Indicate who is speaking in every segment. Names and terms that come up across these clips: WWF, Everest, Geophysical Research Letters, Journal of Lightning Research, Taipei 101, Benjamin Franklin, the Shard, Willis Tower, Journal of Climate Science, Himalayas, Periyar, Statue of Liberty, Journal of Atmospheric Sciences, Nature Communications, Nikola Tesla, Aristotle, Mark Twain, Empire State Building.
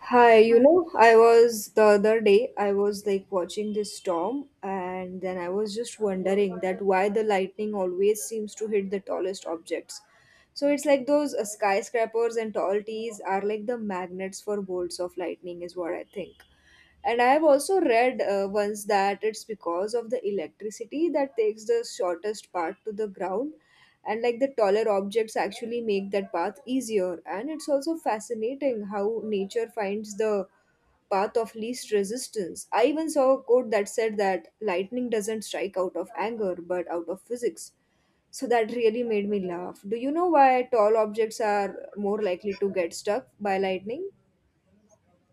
Speaker 1: I was the other day, I was like watching this storm, and then I was just wondering that why the lightning always seems to hit the tallest objects. So it's like those skyscrapers and tall trees are like the magnets for bolts of lightning, is what I think. And I have also read once that it's because of the electricity that takes the shortest path to the ground, and like the taller objects actually make that path easier. And it's also fascinating how nature finds the path of least resistance. I even saw a quote that said that lightning doesn't strike out of anger but out of physics. So that really made me laugh. Do you know why tall objects are more likely to get struck by lightning?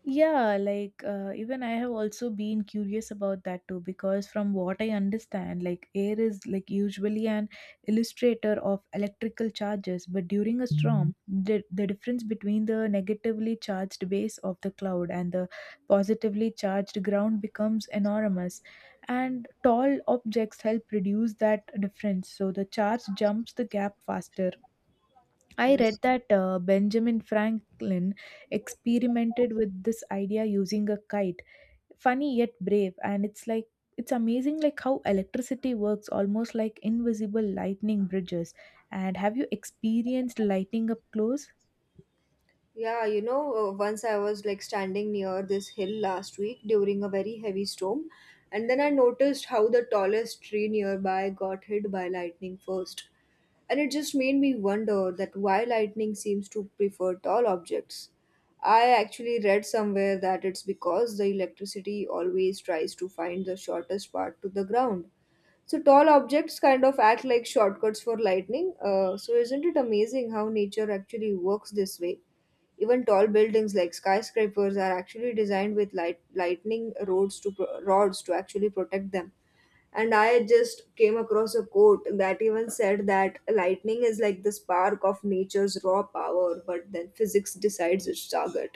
Speaker 2: Yeah, like even I have also been curious about that too because from what I understand, like air is like usually an illustrator of electrical charges, but during a storm, the difference between the negatively charged base of the cloud and the positively charged ground becomes enormous, and tall objects help reduce that difference, so the charge jumps the gap faster. I read that Benjamin Franklin experimented with this idea using a kite. Funny yet brave, and it's like it's amazing like how electricity works almost like invisible lightning bridges. And have you experienced lighting up close?
Speaker 1: Yeah, once I was like standing near this hill last week during a very heavy storm, and then I noticed how the tallest tree nearby got hit by lightning first. And it just made me wonder that why lightning seems to prefer tall objects. I actually read somewhere that it's because the electricity always tries to find the shortest part to the ground so tall objects kind of act like shortcuts for lightning. So isn't it amazing how nature actually works this way? Even tall buildings like skyscrapers are actually designed with lightning rods to rods to actually protect them. And I just came across a quote that even said that lightning is like the spark of nature's raw power, but then physics decides its target.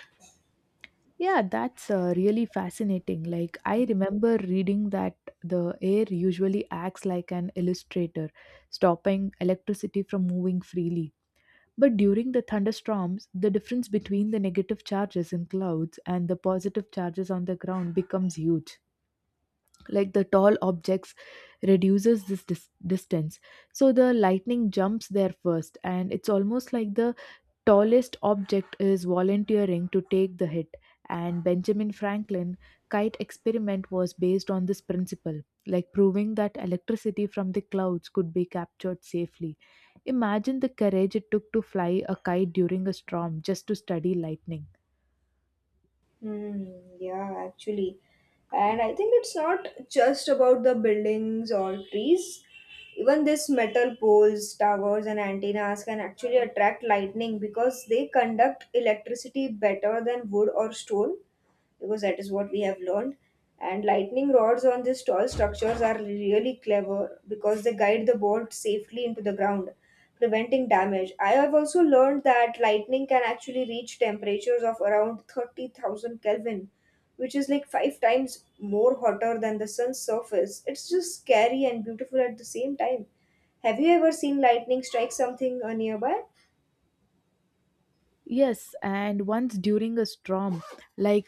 Speaker 2: Yeah, that's really fascinating. Like I remember reading that the air usually acts like an illustrator, stopping electricity from moving freely. But during the thunderstorms, the difference between the negative charges in clouds and the positive charges on the ground becomes huge. Like the tall objects reduces this distance. So the lightning jumps there first and it's almost like the tallest object is volunteering to take the hit, and Benjamin Franklin kite experiment was based on this principle, like proving that electricity from the clouds could be captured safely. Imagine the courage it took to fly a kite during a storm just to study lightning.
Speaker 1: Hmm, yeah, actually. And I think it's not just about the buildings or trees. Even these metal poles, towers, and antennas can actually attract lightning because they conduct electricity better than wood or stone because that is what we have learned. And lightning rods on these tall structures are really clever because they guide the bolt safely into the ground, preventing damage. I have also learned that lightning can actually reach temperatures of around 30,000 Kelvin, which is like five times more hotter than the sun's surface. It's just scary and beautiful at the same time. Have you ever seen lightning strike something nearby?
Speaker 2: Yes, and once during a storm, like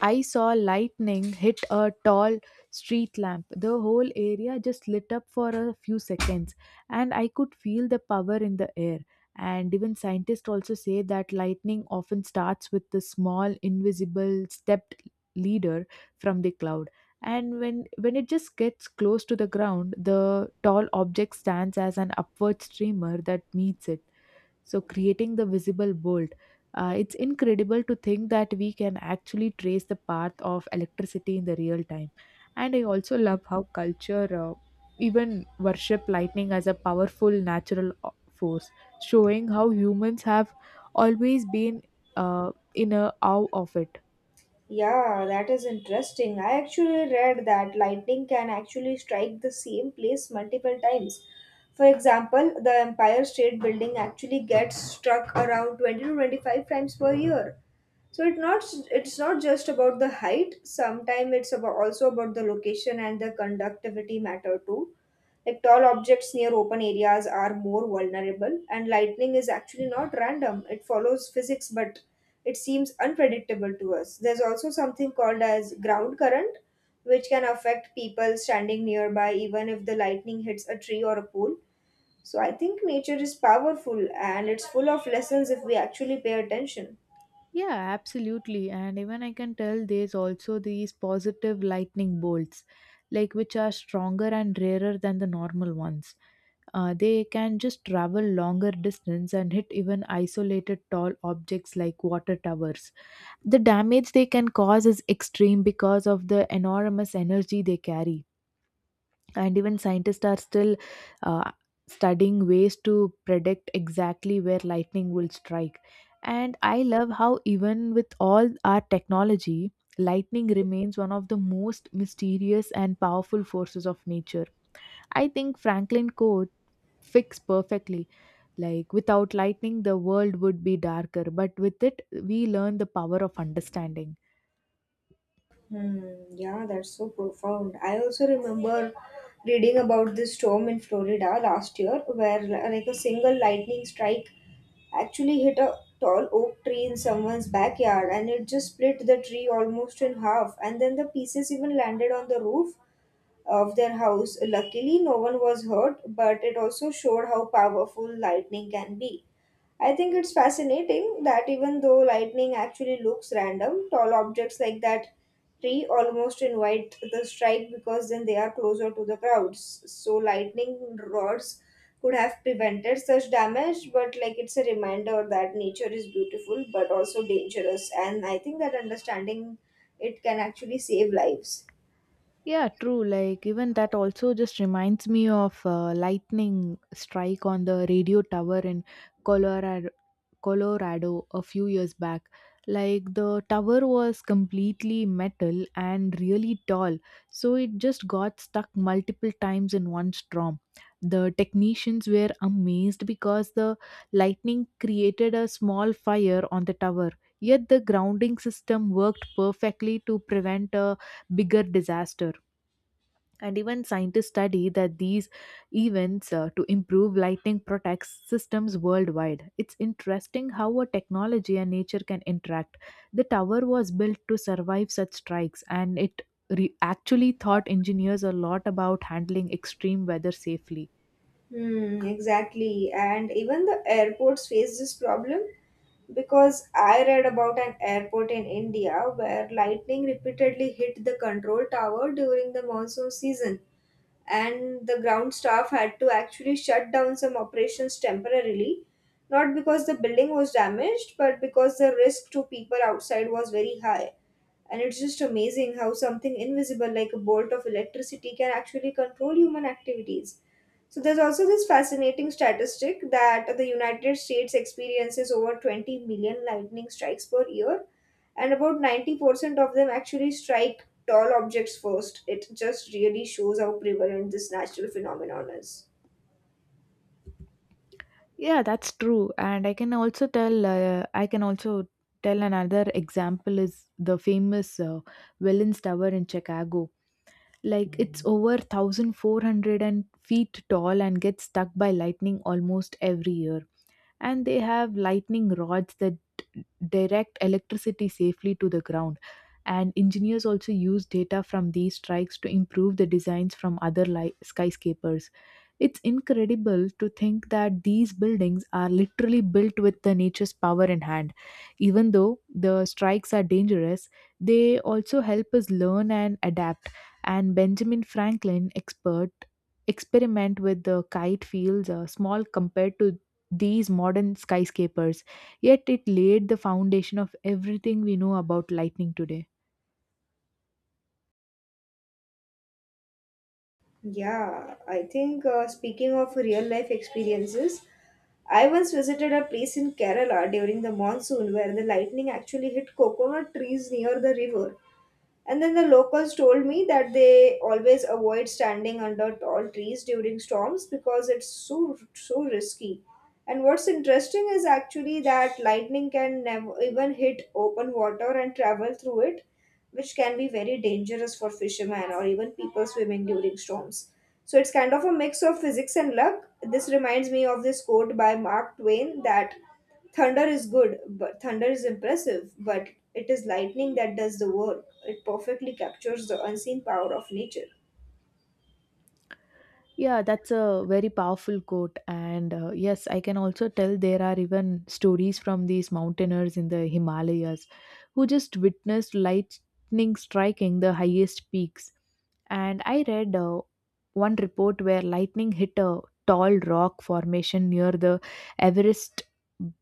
Speaker 2: I saw lightning hit a tall street lamp. The whole area just lit up for a few seconds, and I could feel the power in the air. And even scientists also say that lightning often starts with the small, invisible, stepped leader from the cloud. And when it just gets close to the ground, the tall object stands as an upward streamer that meets it so creating the visible bolt. Uh, it's incredible to think that we can actually trace the path of electricity in the real time. And I also love how culture even worship lightning as a powerful natural force, showing how humans have always been in a awe of it.
Speaker 1: Yeah, that is interesting. I actually read that lightning can actually strike the same place multiple times. For example, the Empire State Building actually gets struck around 20 to 25 times per year. So it not it's not just about the height. Sometimes it's about also about the location and the conductivity matter too. Like tall objects near open areas are more vulnerable, and lightning is actually not random. It follows physics, but it seems unpredictable to us. There's also something called as ground current, which can affect people standing nearby, even if the lightning hits a tree or a pool. So I think nature is powerful, and it's full of lessons if we actually pay attention.
Speaker 2: Yeah, absolutely. And even I can tell there's also these positive lightning bolts, like which are stronger and rarer than the normal ones. They can just travel longer distance and hit even isolated tall objects like water towers. The damage they can cause is extreme because of the enormous energy they carry. And even scientists are still uh, studying ways to predict exactly where lightning will strike. And I love how, even with all our technology, lightning remains one of the most mysterious and powerful forces of nature. I think Franklin Code fits perfectly like without lightning, the world would be darker, but with it, we learn the power of understanding.
Speaker 1: Hmm, yeah, that's so profound. I also remember reading about this storm in Florida last year where like a single lightning strike actually hit a tall oak tree in someone's backyard and it just split the tree almost in half and then the pieces even landed on the roof of their house. Luckily, no one was hurt, but it also showed how powerful lightning can be. I think it's fascinating that even though lightning actually looks random, tall objects like that tree almost invite the strike because then they are closer to the crowds. So, lightning rods could have prevented such damage, but like it's a reminder that nature is beautiful but also dangerous. And I think that understanding it can actually save lives.
Speaker 2: Yeah, true. Like even that also just reminds me of lightning strike on the radio tower in Colorado Colorado a few years back. Like the tower was completely metal and really tall, so it just got stuck multiple times in one storm. The technicians were amazed because the lightning created a small fire on the tower, yet the grounding system worked perfectly to prevent a bigger disaster. And even scientists study that these events to improve lightning protects systems worldwide. It's interesting how a technology and nature can interact. The tower was built to survive such strikes and it actually taught engineers a lot about handling extreme weather safely.
Speaker 1: Hmm, exactly. And even the airports face this problem because I read about an airport in India where lightning repeatedly hit the control tower during the monsoon season, and the ground staff had to actually shut down some operations temporarily, not because the building was damaged, but because the risk to people outside was very high. And it's just amazing how something invisible like a bolt of electricity can actually control human activities. So there's also this fascinating statistic that the United States experiences over 20 million lightning strikes per year, and about 90% of them actually strike tall objects first. It just really shows how prevalent this natural phenomenon is.
Speaker 2: Yeah, that's true. And I can also tell another example is the famous Wellens tower in Chicago. Like it's over 1,400 and feet tall and gets struck by lightning almost every year. And they have lightning rods that direct electricity safely to the ground. And engineers also use data from these strikes to improve the designs from other skyscrapers. It's incredible to think that these buildings are literally built with the nature's power in hand. Even though the strikes are dangerous, they also help us learn and adapt. And Benjamin Franklin expert experiment with the kite feels are small compared to these modern skyscrapers, yet it laid the foundation of everything we know about lightning today.
Speaker 1: Yeah, I think Speaking of real life experiences, I once visited a place in Kerala during the monsoon where the lightning actually hit coconut trees near the river. And then the locals told me that they always avoid standing under tall trees during storms because it's so risky. And what's interesting is actually that lightning can never even hit open water and travel through it, which can be very dangerous for fishermen or even people swimming during storms. So it's kind of a mix of physics and luck. This reminds me of this quote by Mark Twain that thunder is good, but thunder is impressive, but it is lightning that does the work. It perfectly captures the unseen power of nature.
Speaker 2: Yeah, that's a very powerful quote. And yes, I can also tell there are even stories from these mountaineers in the Himalayas who just witnessed lightning striking the highest peaks. And I read one report where lightning hit a tall rock formation near the Everest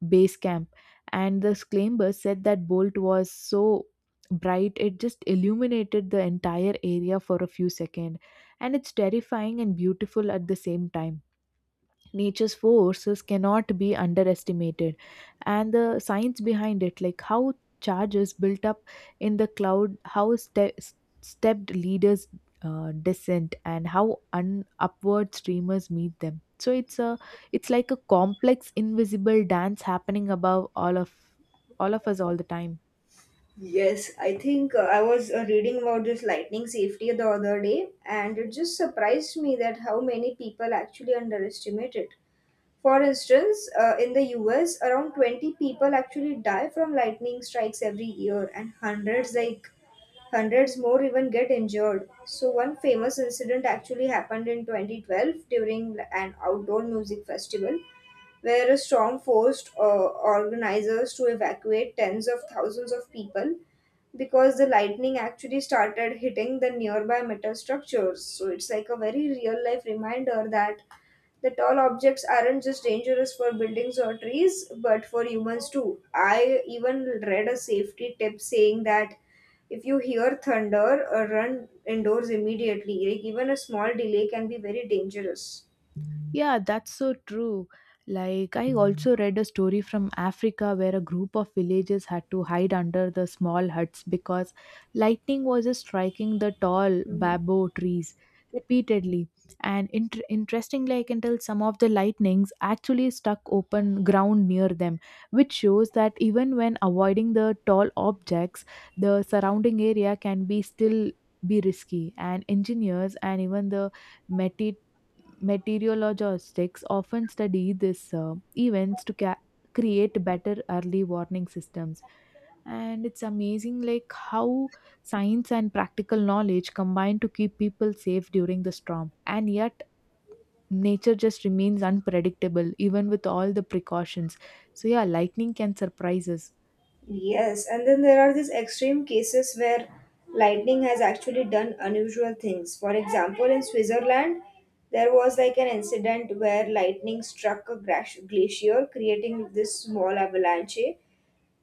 Speaker 2: base camp. And the climbers said that bolt was so bright it just illuminated the entire area for a few seconds, and it's terrifying and beautiful at the same time. Nature's forces cannot be underestimated, and the science behind it, like how charges built up in the cloud, how stepped leaders descent, and how upward streamers meet them. So it's like a complex invisible dance happening above all of us all the time.
Speaker 1: Yes, I think I was Reading about this lightning safety the other day, and it just surprised me that how many people actually underestimate it. For instance, in the US, around 20 people actually die from lightning strikes every year, and hundreds more even get injured. So, one famous incident actually happened in 2012 during an outdoor music festival where a storm forced organizers to evacuate tens of thousands of people because the lightning actually started hitting the nearby metal structures. So, it's like a very real life reminder that the tall objects aren't just dangerous for buildings or trees, but for humans too. I even read a safety tip saying that if you hear thunder, run indoors immediately. Like even a small delay can be very dangerous.
Speaker 2: Yeah, that's so true. Like, I also read a story from Africa where a group of villagers had to hide under the small huts because lightning was just striking the tall
Speaker 1: Mm,
Speaker 2: bamboo trees repeatedly. And interestingly, I can tell some of the lightnings actually struck open ground near them, which shows that even when avoiding the tall objects, the surrounding area can be still be risky. And engineers and even the meteorologists Meteorologists often study these events to create better early warning systems. And it's amazing like how science and practical knowledge combine to keep people safe during the storm. And yet nature just remains unpredictable even with all the precautions. So yeah, lightning can surprise us.
Speaker 1: yes, and then there are these extreme cases where lightning has actually done unusual things. For example, in Switzerland, there was like an incident where lightning struck a glacier, creating this small avalanche.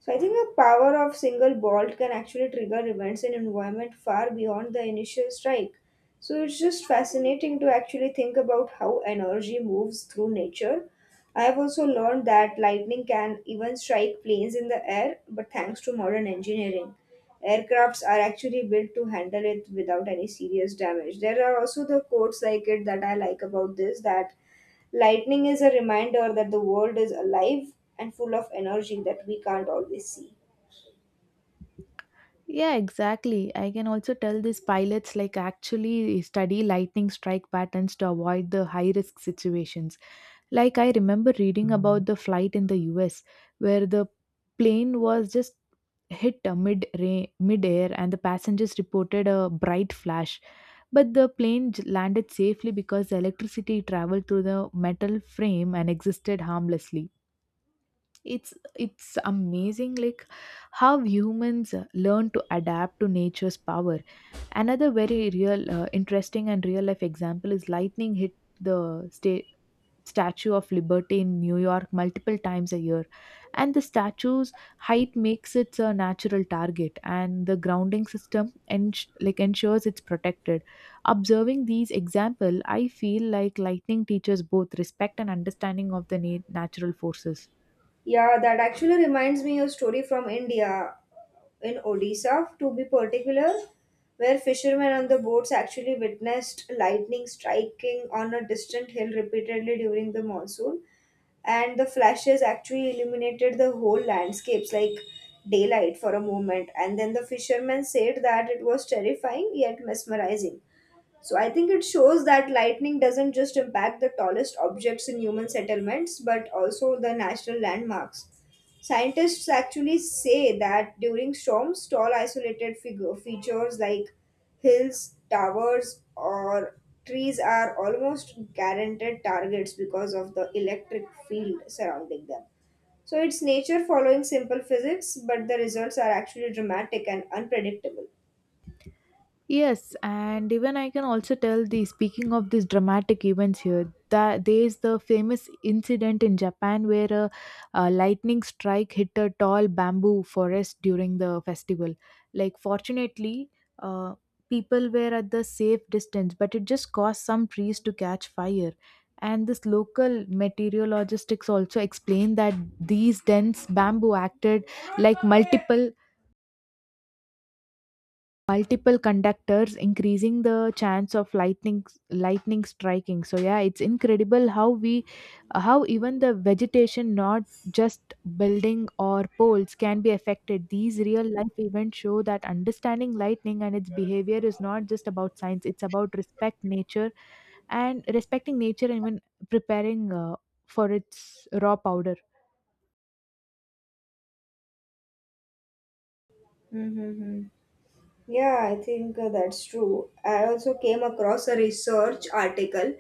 Speaker 1: So I think the power of single bolt can actually trigger events in environment far beyond the initial strike. So it's just fascinating to actually think about how energy moves through nature. I have also learned that lightning can even strike planes in the air, but thanks to modern engineering, aircrafts are actually built to handle it without any serious damage. There are also the quotes like it that I like about this that lightning is a reminder that the world is alive and full of energy that we can't always see.
Speaker 2: Yeah, exactly. I can also tell these pilots like actually study lightning strike patterns to avoid the high risk situations. Like I remember reading about the flight in the US where the plane was just hit mid air and the passengers reported a bright flash, but the plane landed safely because the electricity traveled through the metal frame and existed harmlessly. It's amazing like how humans learn to adapt to nature's power. Another very real interesting and real life example is lightning hit the sta Statue of Liberty in New York multiple times a year. And the statue's height makes it a natural target, and the grounding system like ensures it's protected. Observing these example, I feel like lightning teaches both respect and understanding of the natural forces.
Speaker 1: Yeah, that actually reminds me of a story from India, in Odisha, to be particular, where fishermen on the boats actually witnessed lightning striking on a distant hill repeatedly during the monsoon, and the flashes actually illuminated the whole landscapes like daylight for a moment. And then the fishermen said that it was terrifying yet mesmerizing. So I think it shows that lightning doesn't just impact the tallest objects in human settlements, but also the national landmarks. Scientists actually say that during storms, tall isolated figure features like hills, towers, or trees are almost guaranteed targets because of the electric field surrounding them. So it's nature following simple physics, but the results are actually dramatic and unpredictable.
Speaker 2: Yes, and even I can also tell the speaking of these dramatic events here that there is the famous incident in Japan where a lightning strike hit a tall bamboo forest during the festival. Like, fortunately, uh, people were at the safe distance, but it just caused some trees to catch fire. And this local meteorologists also explained that these dense bamboo acted like multiple conductors increasing the chance of lightning striking. So yeah, it's incredible how even the vegetation not just building or poles can be affected. These real life events show that understanding lightning and its behavior is not just about science. It's about respect nature and respecting nature, and even preparing for its raw powder.
Speaker 1: Mm-hmm. Yeah, I think That's true. I also came across a research article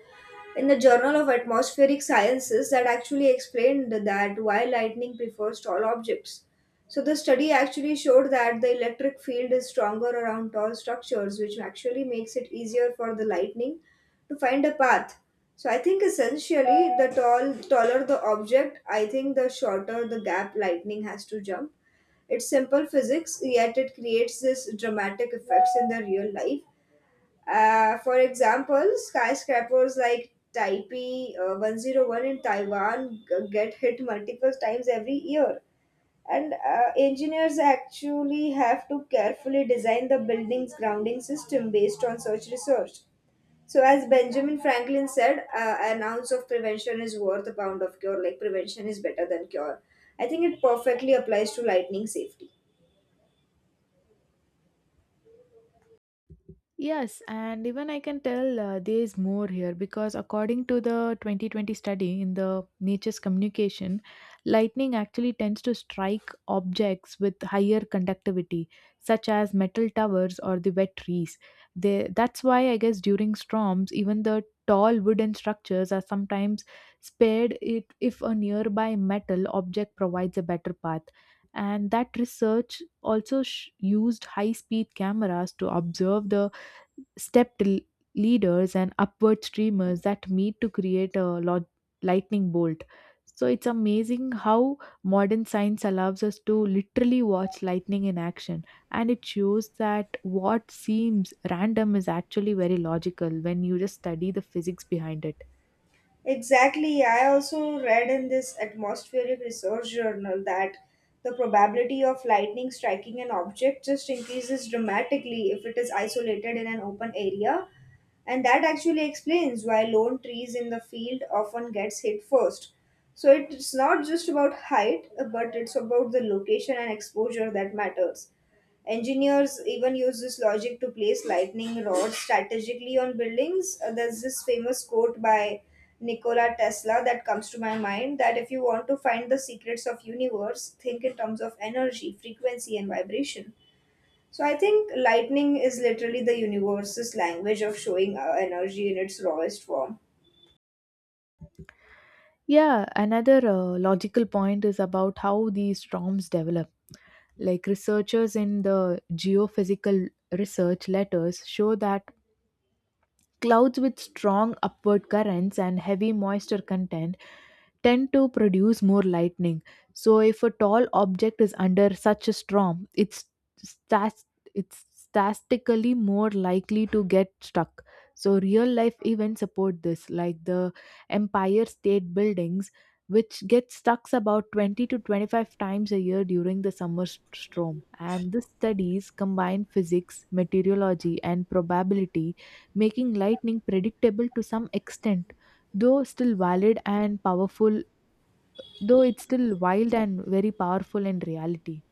Speaker 1: in the Journal of Atmospheric Sciences that actually explained that why lightning prefers tall objects. So the study actually showed that the electric field is stronger around tall structures, which actually makes it easier for the lightning to find a path. So I think essentially the taller the object, I think the shorter the gap lightning has to jump. It's simple physics, yet it creates this dramatic effects in the real life. For example, skyscrapers like Taipei 101 in Taiwan get hit multiple times every year. And engineers actually have to carefully design the building's grounding system based on such research. So, as Benjamin Franklin said, an ounce of prevention is worth a pound of cure. Like, prevention is better than cure. I think it perfectly applies to lightning safety.
Speaker 2: Yes, and even I can tell there's more here because according to the 2020 study in the Nature's Communication, lightning actually tends to strike objects with higher conductivity, such as metal towers or the wet trees. That's why I guess during storms, even the tall wooden structures are sometimes spared it if a nearby metal object provides a better path. And that research also used high speed cameras to observe the stepped leaders and upward streamers that meet to create a lightning bolt. So it's amazing how modern science allows us to literally watch lightning in action, and it shows that what seems random is actually very logical when you just study the physics behind it.
Speaker 1: Exactly. I also read in this atmospheric research journal that the probability of lightning striking an object just increases dramatically if it is isolated in an open area. And that actually explains why lone trees in the field often gets hit first. So it's not just about height, but it's about the location and exposure that matters. Engineers even use this logic to place lightning rods strategically on buildings. There's this famous quote by Nikola Tesla that comes to my mind that if you want to find the secrets of universe, think in terms of energy, frequency and vibration. So I think lightning is literally the universe's language of showing energy in its rawest form.
Speaker 2: Yeah, another logical point is about how these storms develop. Like researchers in the Geophysical Research Letters show that clouds with strong upward currents and heavy moisture content tend to produce more lightning. So, if a tall object is under such a storm, stas- it's statistically more likely to get stuck. So, real life events support this, like the Empire State Buildings, which get stuck about 20 to 25 times a year during the summer storm. And the studies combine physics, meteorology, and probability, making lightning predictable to some extent though still valid and powerful, though it's still wild and very powerful in reality.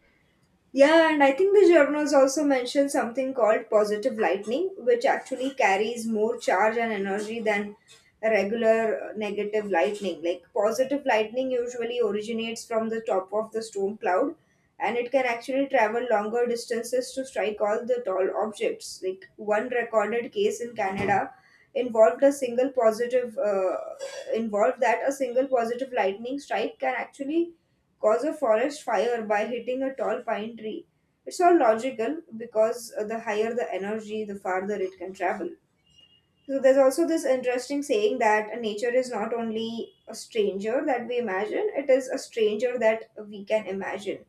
Speaker 1: Yeah, and I think the journals also mentioned something called positive lightning, which actually carries more charge and energy than regular negative lightning. Like positive lightning usually originates from the top of the storm cloud, and it can actually travel longer distances to strike all the tall objects. Like one recorded case in Canada involved a single positive uh, involved that a single positive lightning strike can actually cause a forest fire by hitting a tall pine tree. It's all logical because the higher the energy, the farther it can travel. So there's also this interesting saying that nature is not only a stranger that we imagine, it is a stranger that we can imagine.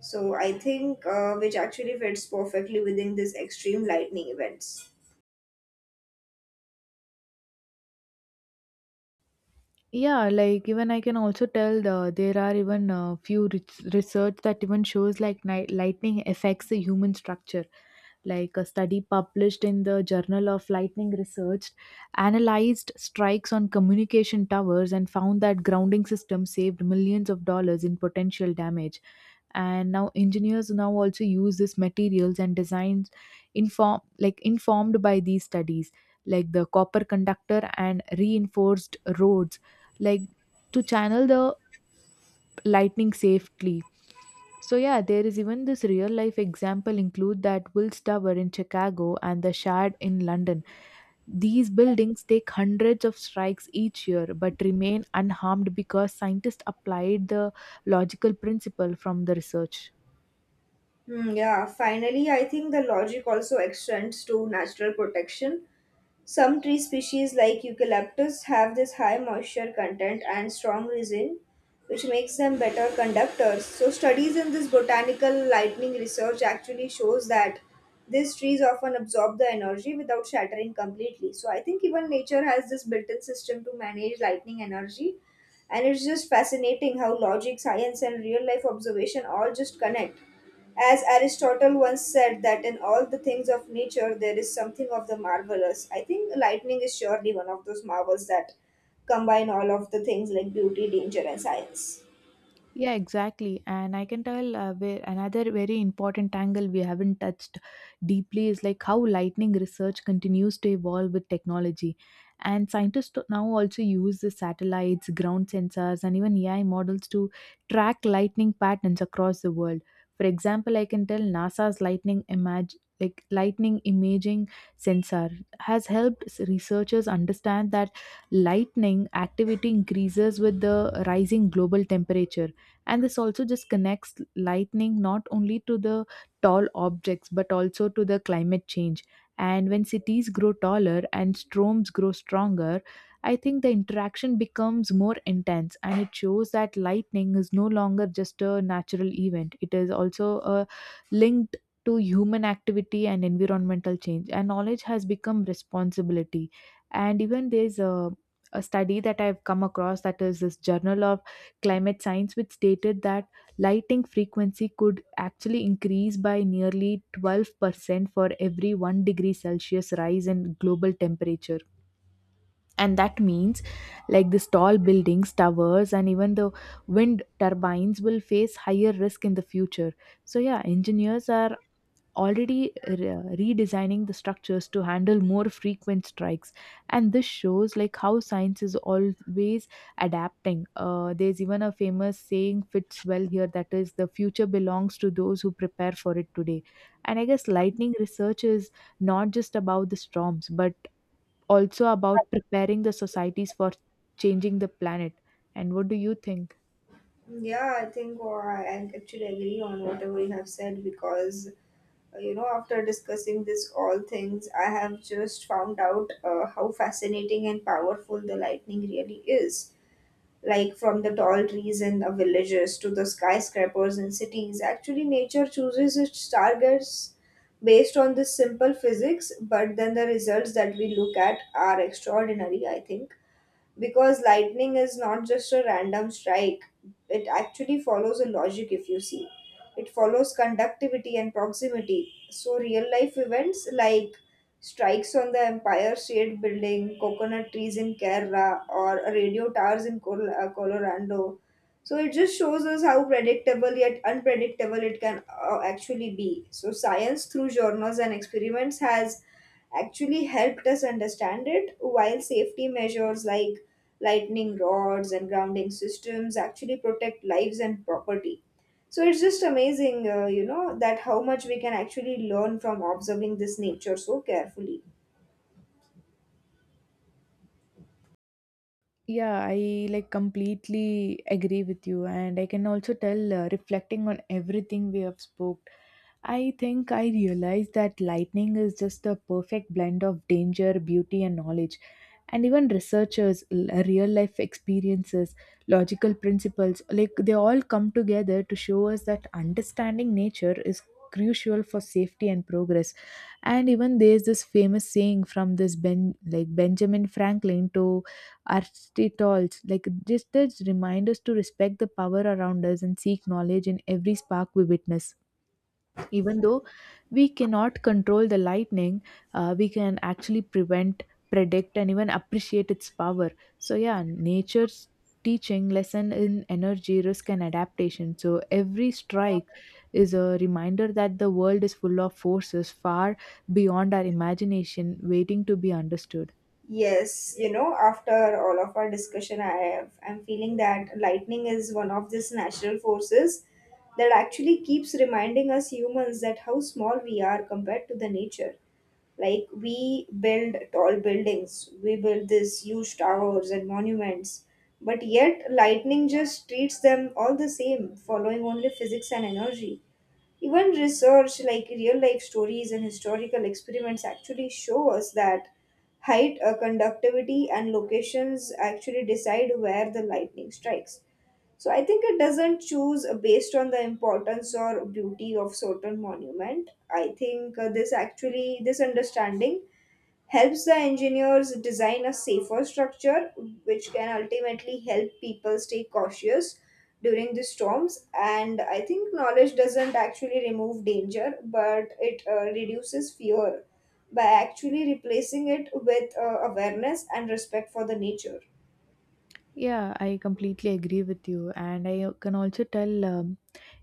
Speaker 1: So I think which actually fits perfectly within these extreme lightning events.
Speaker 2: Yeah, like even I can also tell there are even a few research that even shows like lightning affects the human structure. Like a study published in the Journal of Lightning Research analyzed strikes on communication towers and found that grounding systems saved millions of dollars in potential damage, and now engineers now also use these materials and designs informed by these studies, like the copper conductor and reinforced roads, like to channel the lightning safely. So yeah, there is even this real life example include that Wills Tower in Chicago and the Shard in London. These buildings take hundreds of strikes each year but remain unharmed because scientists applied the logical principle from the research.
Speaker 1: Hmm, yeah, finally, I think the logic also extends to natural protection. Some tree species like eucalyptus have this high moisture content and strong resin, which makes them better conductors. So studies in this botanical lightning research actually shows that these trees often absorb the energy without shattering completely. So I think even nature has this built-in system to manage lightning energy, and it's just fascinating how logic, science and real life observation all just connect. As Aristotle once said, that in all the things of nature there is something of the marvelous. I think lightning is surely one of those marvels that combine all of the things like beauty, danger, and science.
Speaker 2: Yeah, exactly. And I can tell where another very important angle we haven't touched deeply is like how lightning research continues to evolve with technology. And now also use the satellites, ground sensors, and even AI models to track lightning patterns across the world. For example, I can tell NASA's lightning imaging sensor has helped researchers understand that lightning activity increases with the rising global temperature, and this also just connects lightning not only to the tall objects but also to the climate change. And when cities grow taller and storms grow stronger, I think the interaction becomes more intense, and it shows that lightning is no longer just a natural event. It is also a linked to human activity and environmental change, and knowledge has become responsibility. And even a study that I've come across, that is this journal of climate science, which stated that lighting frequency could actually increase by nearly 12% for every 1 degree Celsius rise in global temperature. And that means, like these tall buildings, towers, and even the wind turbines will face higher risk in the future. So, yeah, engineers are already redesigning the structures to handle more frequent strikes, and this shows like how science is always adapting. There's even a famous saying fits well here, that is, the future belongs to those who prepare for it today. And I guess lightning research is not just about the storms but also about preparing the societies for changing the planet. And what do you think?
Speaker 1: Yeah, I think I actually agree on whatever you have said because, you know, after discussing this all things, I have just found out how fascinating and powerful the lightning really is. Like from the tall trees in the villages to the skyscrapers in cities. Actually, nature chooses its targets based on this simple physics, but then the results that we look at are extraordinary, I think, because lightning is not just a random strike, it actually follows a logic if you see. It follows conductivity and proximity, so real life events like strikes on the Empire State Building, coconut trees in Kerala, or radio towers in Colorado, so it just shows us how predictable yet unpredictable it can actually be. So science through journals and experiments has actually helped us understand it, while safety measures like lightning rods and grounding systems actually protect lives and property. So it's just amazing, you know, that how much we can actually learn from observing this nature so carefully.
Speaker 2: Yeah, I like completely agree with you, and I can also tell reflecting on everything we have spoke, I think I realized that lightning is just the perfect blend of danger, beauty, and knowledge, and even researchers, real life experiences, logical principles, like they all come together to show us that understanding nature is crucial for safety and progress. And even there's this famous saying, from this ben like Benjamin Franklin to Aristotle, like this does remind us to respect the power around us and seek knowledge in every spark we witness. Even though we cannot control the lightning, we can actually prevent, predict, and even appreciate its power. So yeah, nature's teaching lesson in energy, risk, and adaptation. So every strike is a reminder that the world is full of forces far beyond our imagination, waiting to be understood.
Speaker 1: Yes, you know, after all of our discussion, I'm feeling that lightning is one of these natural forces that actually keeps reminding us humans that how small we are compared to the nature. Like we build tall buildings, we build these huge towers and monuments, but yet lightning just treats them all the same, following only physics and energy. Even research like real life stories and historical experiments actually show us that height, conductivity, and locations actually decide where the lightning strikes. So I think it doesn't choose based on the importance or beauty of certain monument. I think this understanding helps the engineers design a safer structure, which can ultimately help people stay cautious during the storms. And I think knowledge doesn't actually remove danger, but it reduces fear by actually replacing it with awareness and respect for the nature.
Speaker 2: Yeah, I completely agree with you, and I can also tell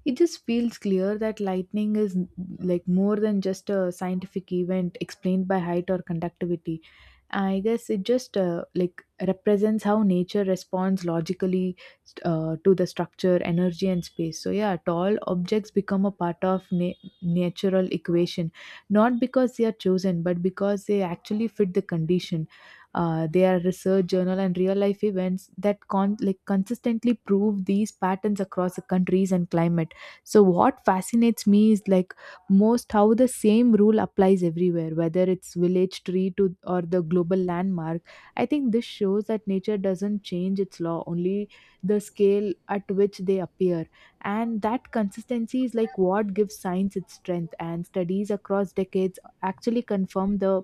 Speaker 2: it just feels clear that lightning is like more than just a scientific event explained by height or conductivity. I guess it just like represents how nature responds logically to the structure, energy, and space. So yeah, tall objects become a part of natural equation, not because they are chosen, but because they actually fit the condition. They are research, journal, and real life events that consistently prove these patterns across the countries and climate. So what fascinates me is like most how the same rule applies everywhere, whether it's village tree to or the global landmark. I think this shows that nature doesn't change its law, only the scale at which they appear, and that consistency is like what gives science its strength. And studies across decades actually confirm the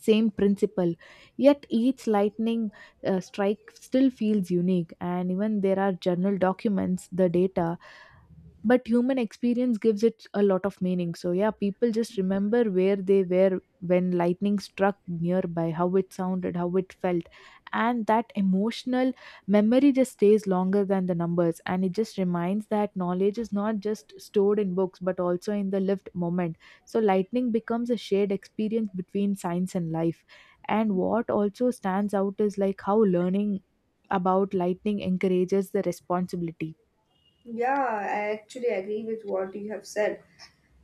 Speaker 2: same principle, yet each lightning strike still feels unique. And even there are journal documents the data, but human experience gives it a lot of meaning. So yeah, people just remember where they were when lightning struck nearby, how it sounded, how it felt, and that emotional memory just stays longer than the numbers. And it just reminds that knowledge is not just stored in books but also in the lived moment. So lightning becomes a shared experience between science and life. And what also stands out is like how learning about lightning encourages the responsibility.
Speaker 1: Yeah, I actually agree with what you have said,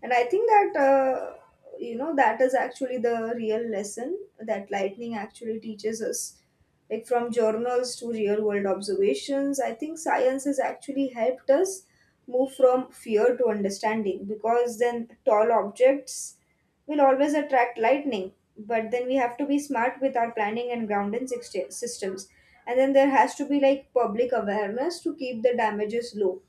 Speaker 1: and I think that, you know, that is actually the real lesson that lightning actually teaches us. Like from journals to real world observations, I think science has actually helped us move from fear to understanding, because then tall objects will always attract lightning, but then we have to be smart with our planning and systems, and then there has to be like public awareness to keep the damages low.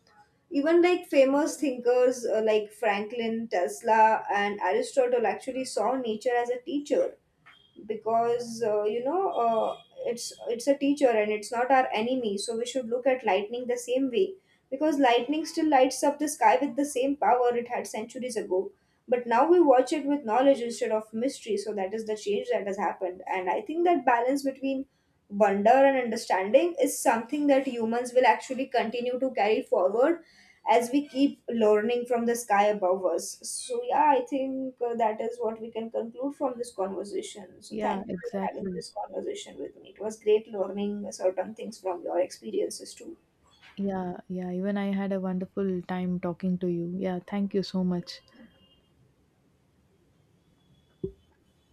Speaker 1: Even like famous thinkers like Franklin, Tesla, and Aristotle actually saw nature as a teacher, because it's a teacher and it's not our enemy. So we should look at lightning the same way, because lightning still lights up the sky with the same power it had centuries ago. But now we watch it with knowledge instead of mystery. So that is the change that has happened, and I think that balance between wonder and understanding is something that humans will actually continue to carry forward as we keep learning from the sky above us. So, yeah, I think that is what we can conclude from this conversation. So,
Speaker 2: Yeah,
Speaker 1: thank you for having
Speaker 2: exactly.
Speaker 1: this conversation with me. It was great learning certain things from your experiences too.
Speaker 2: Yeah, yeah. Even I had a wonderful time talking to you. Yeah, thank you so much.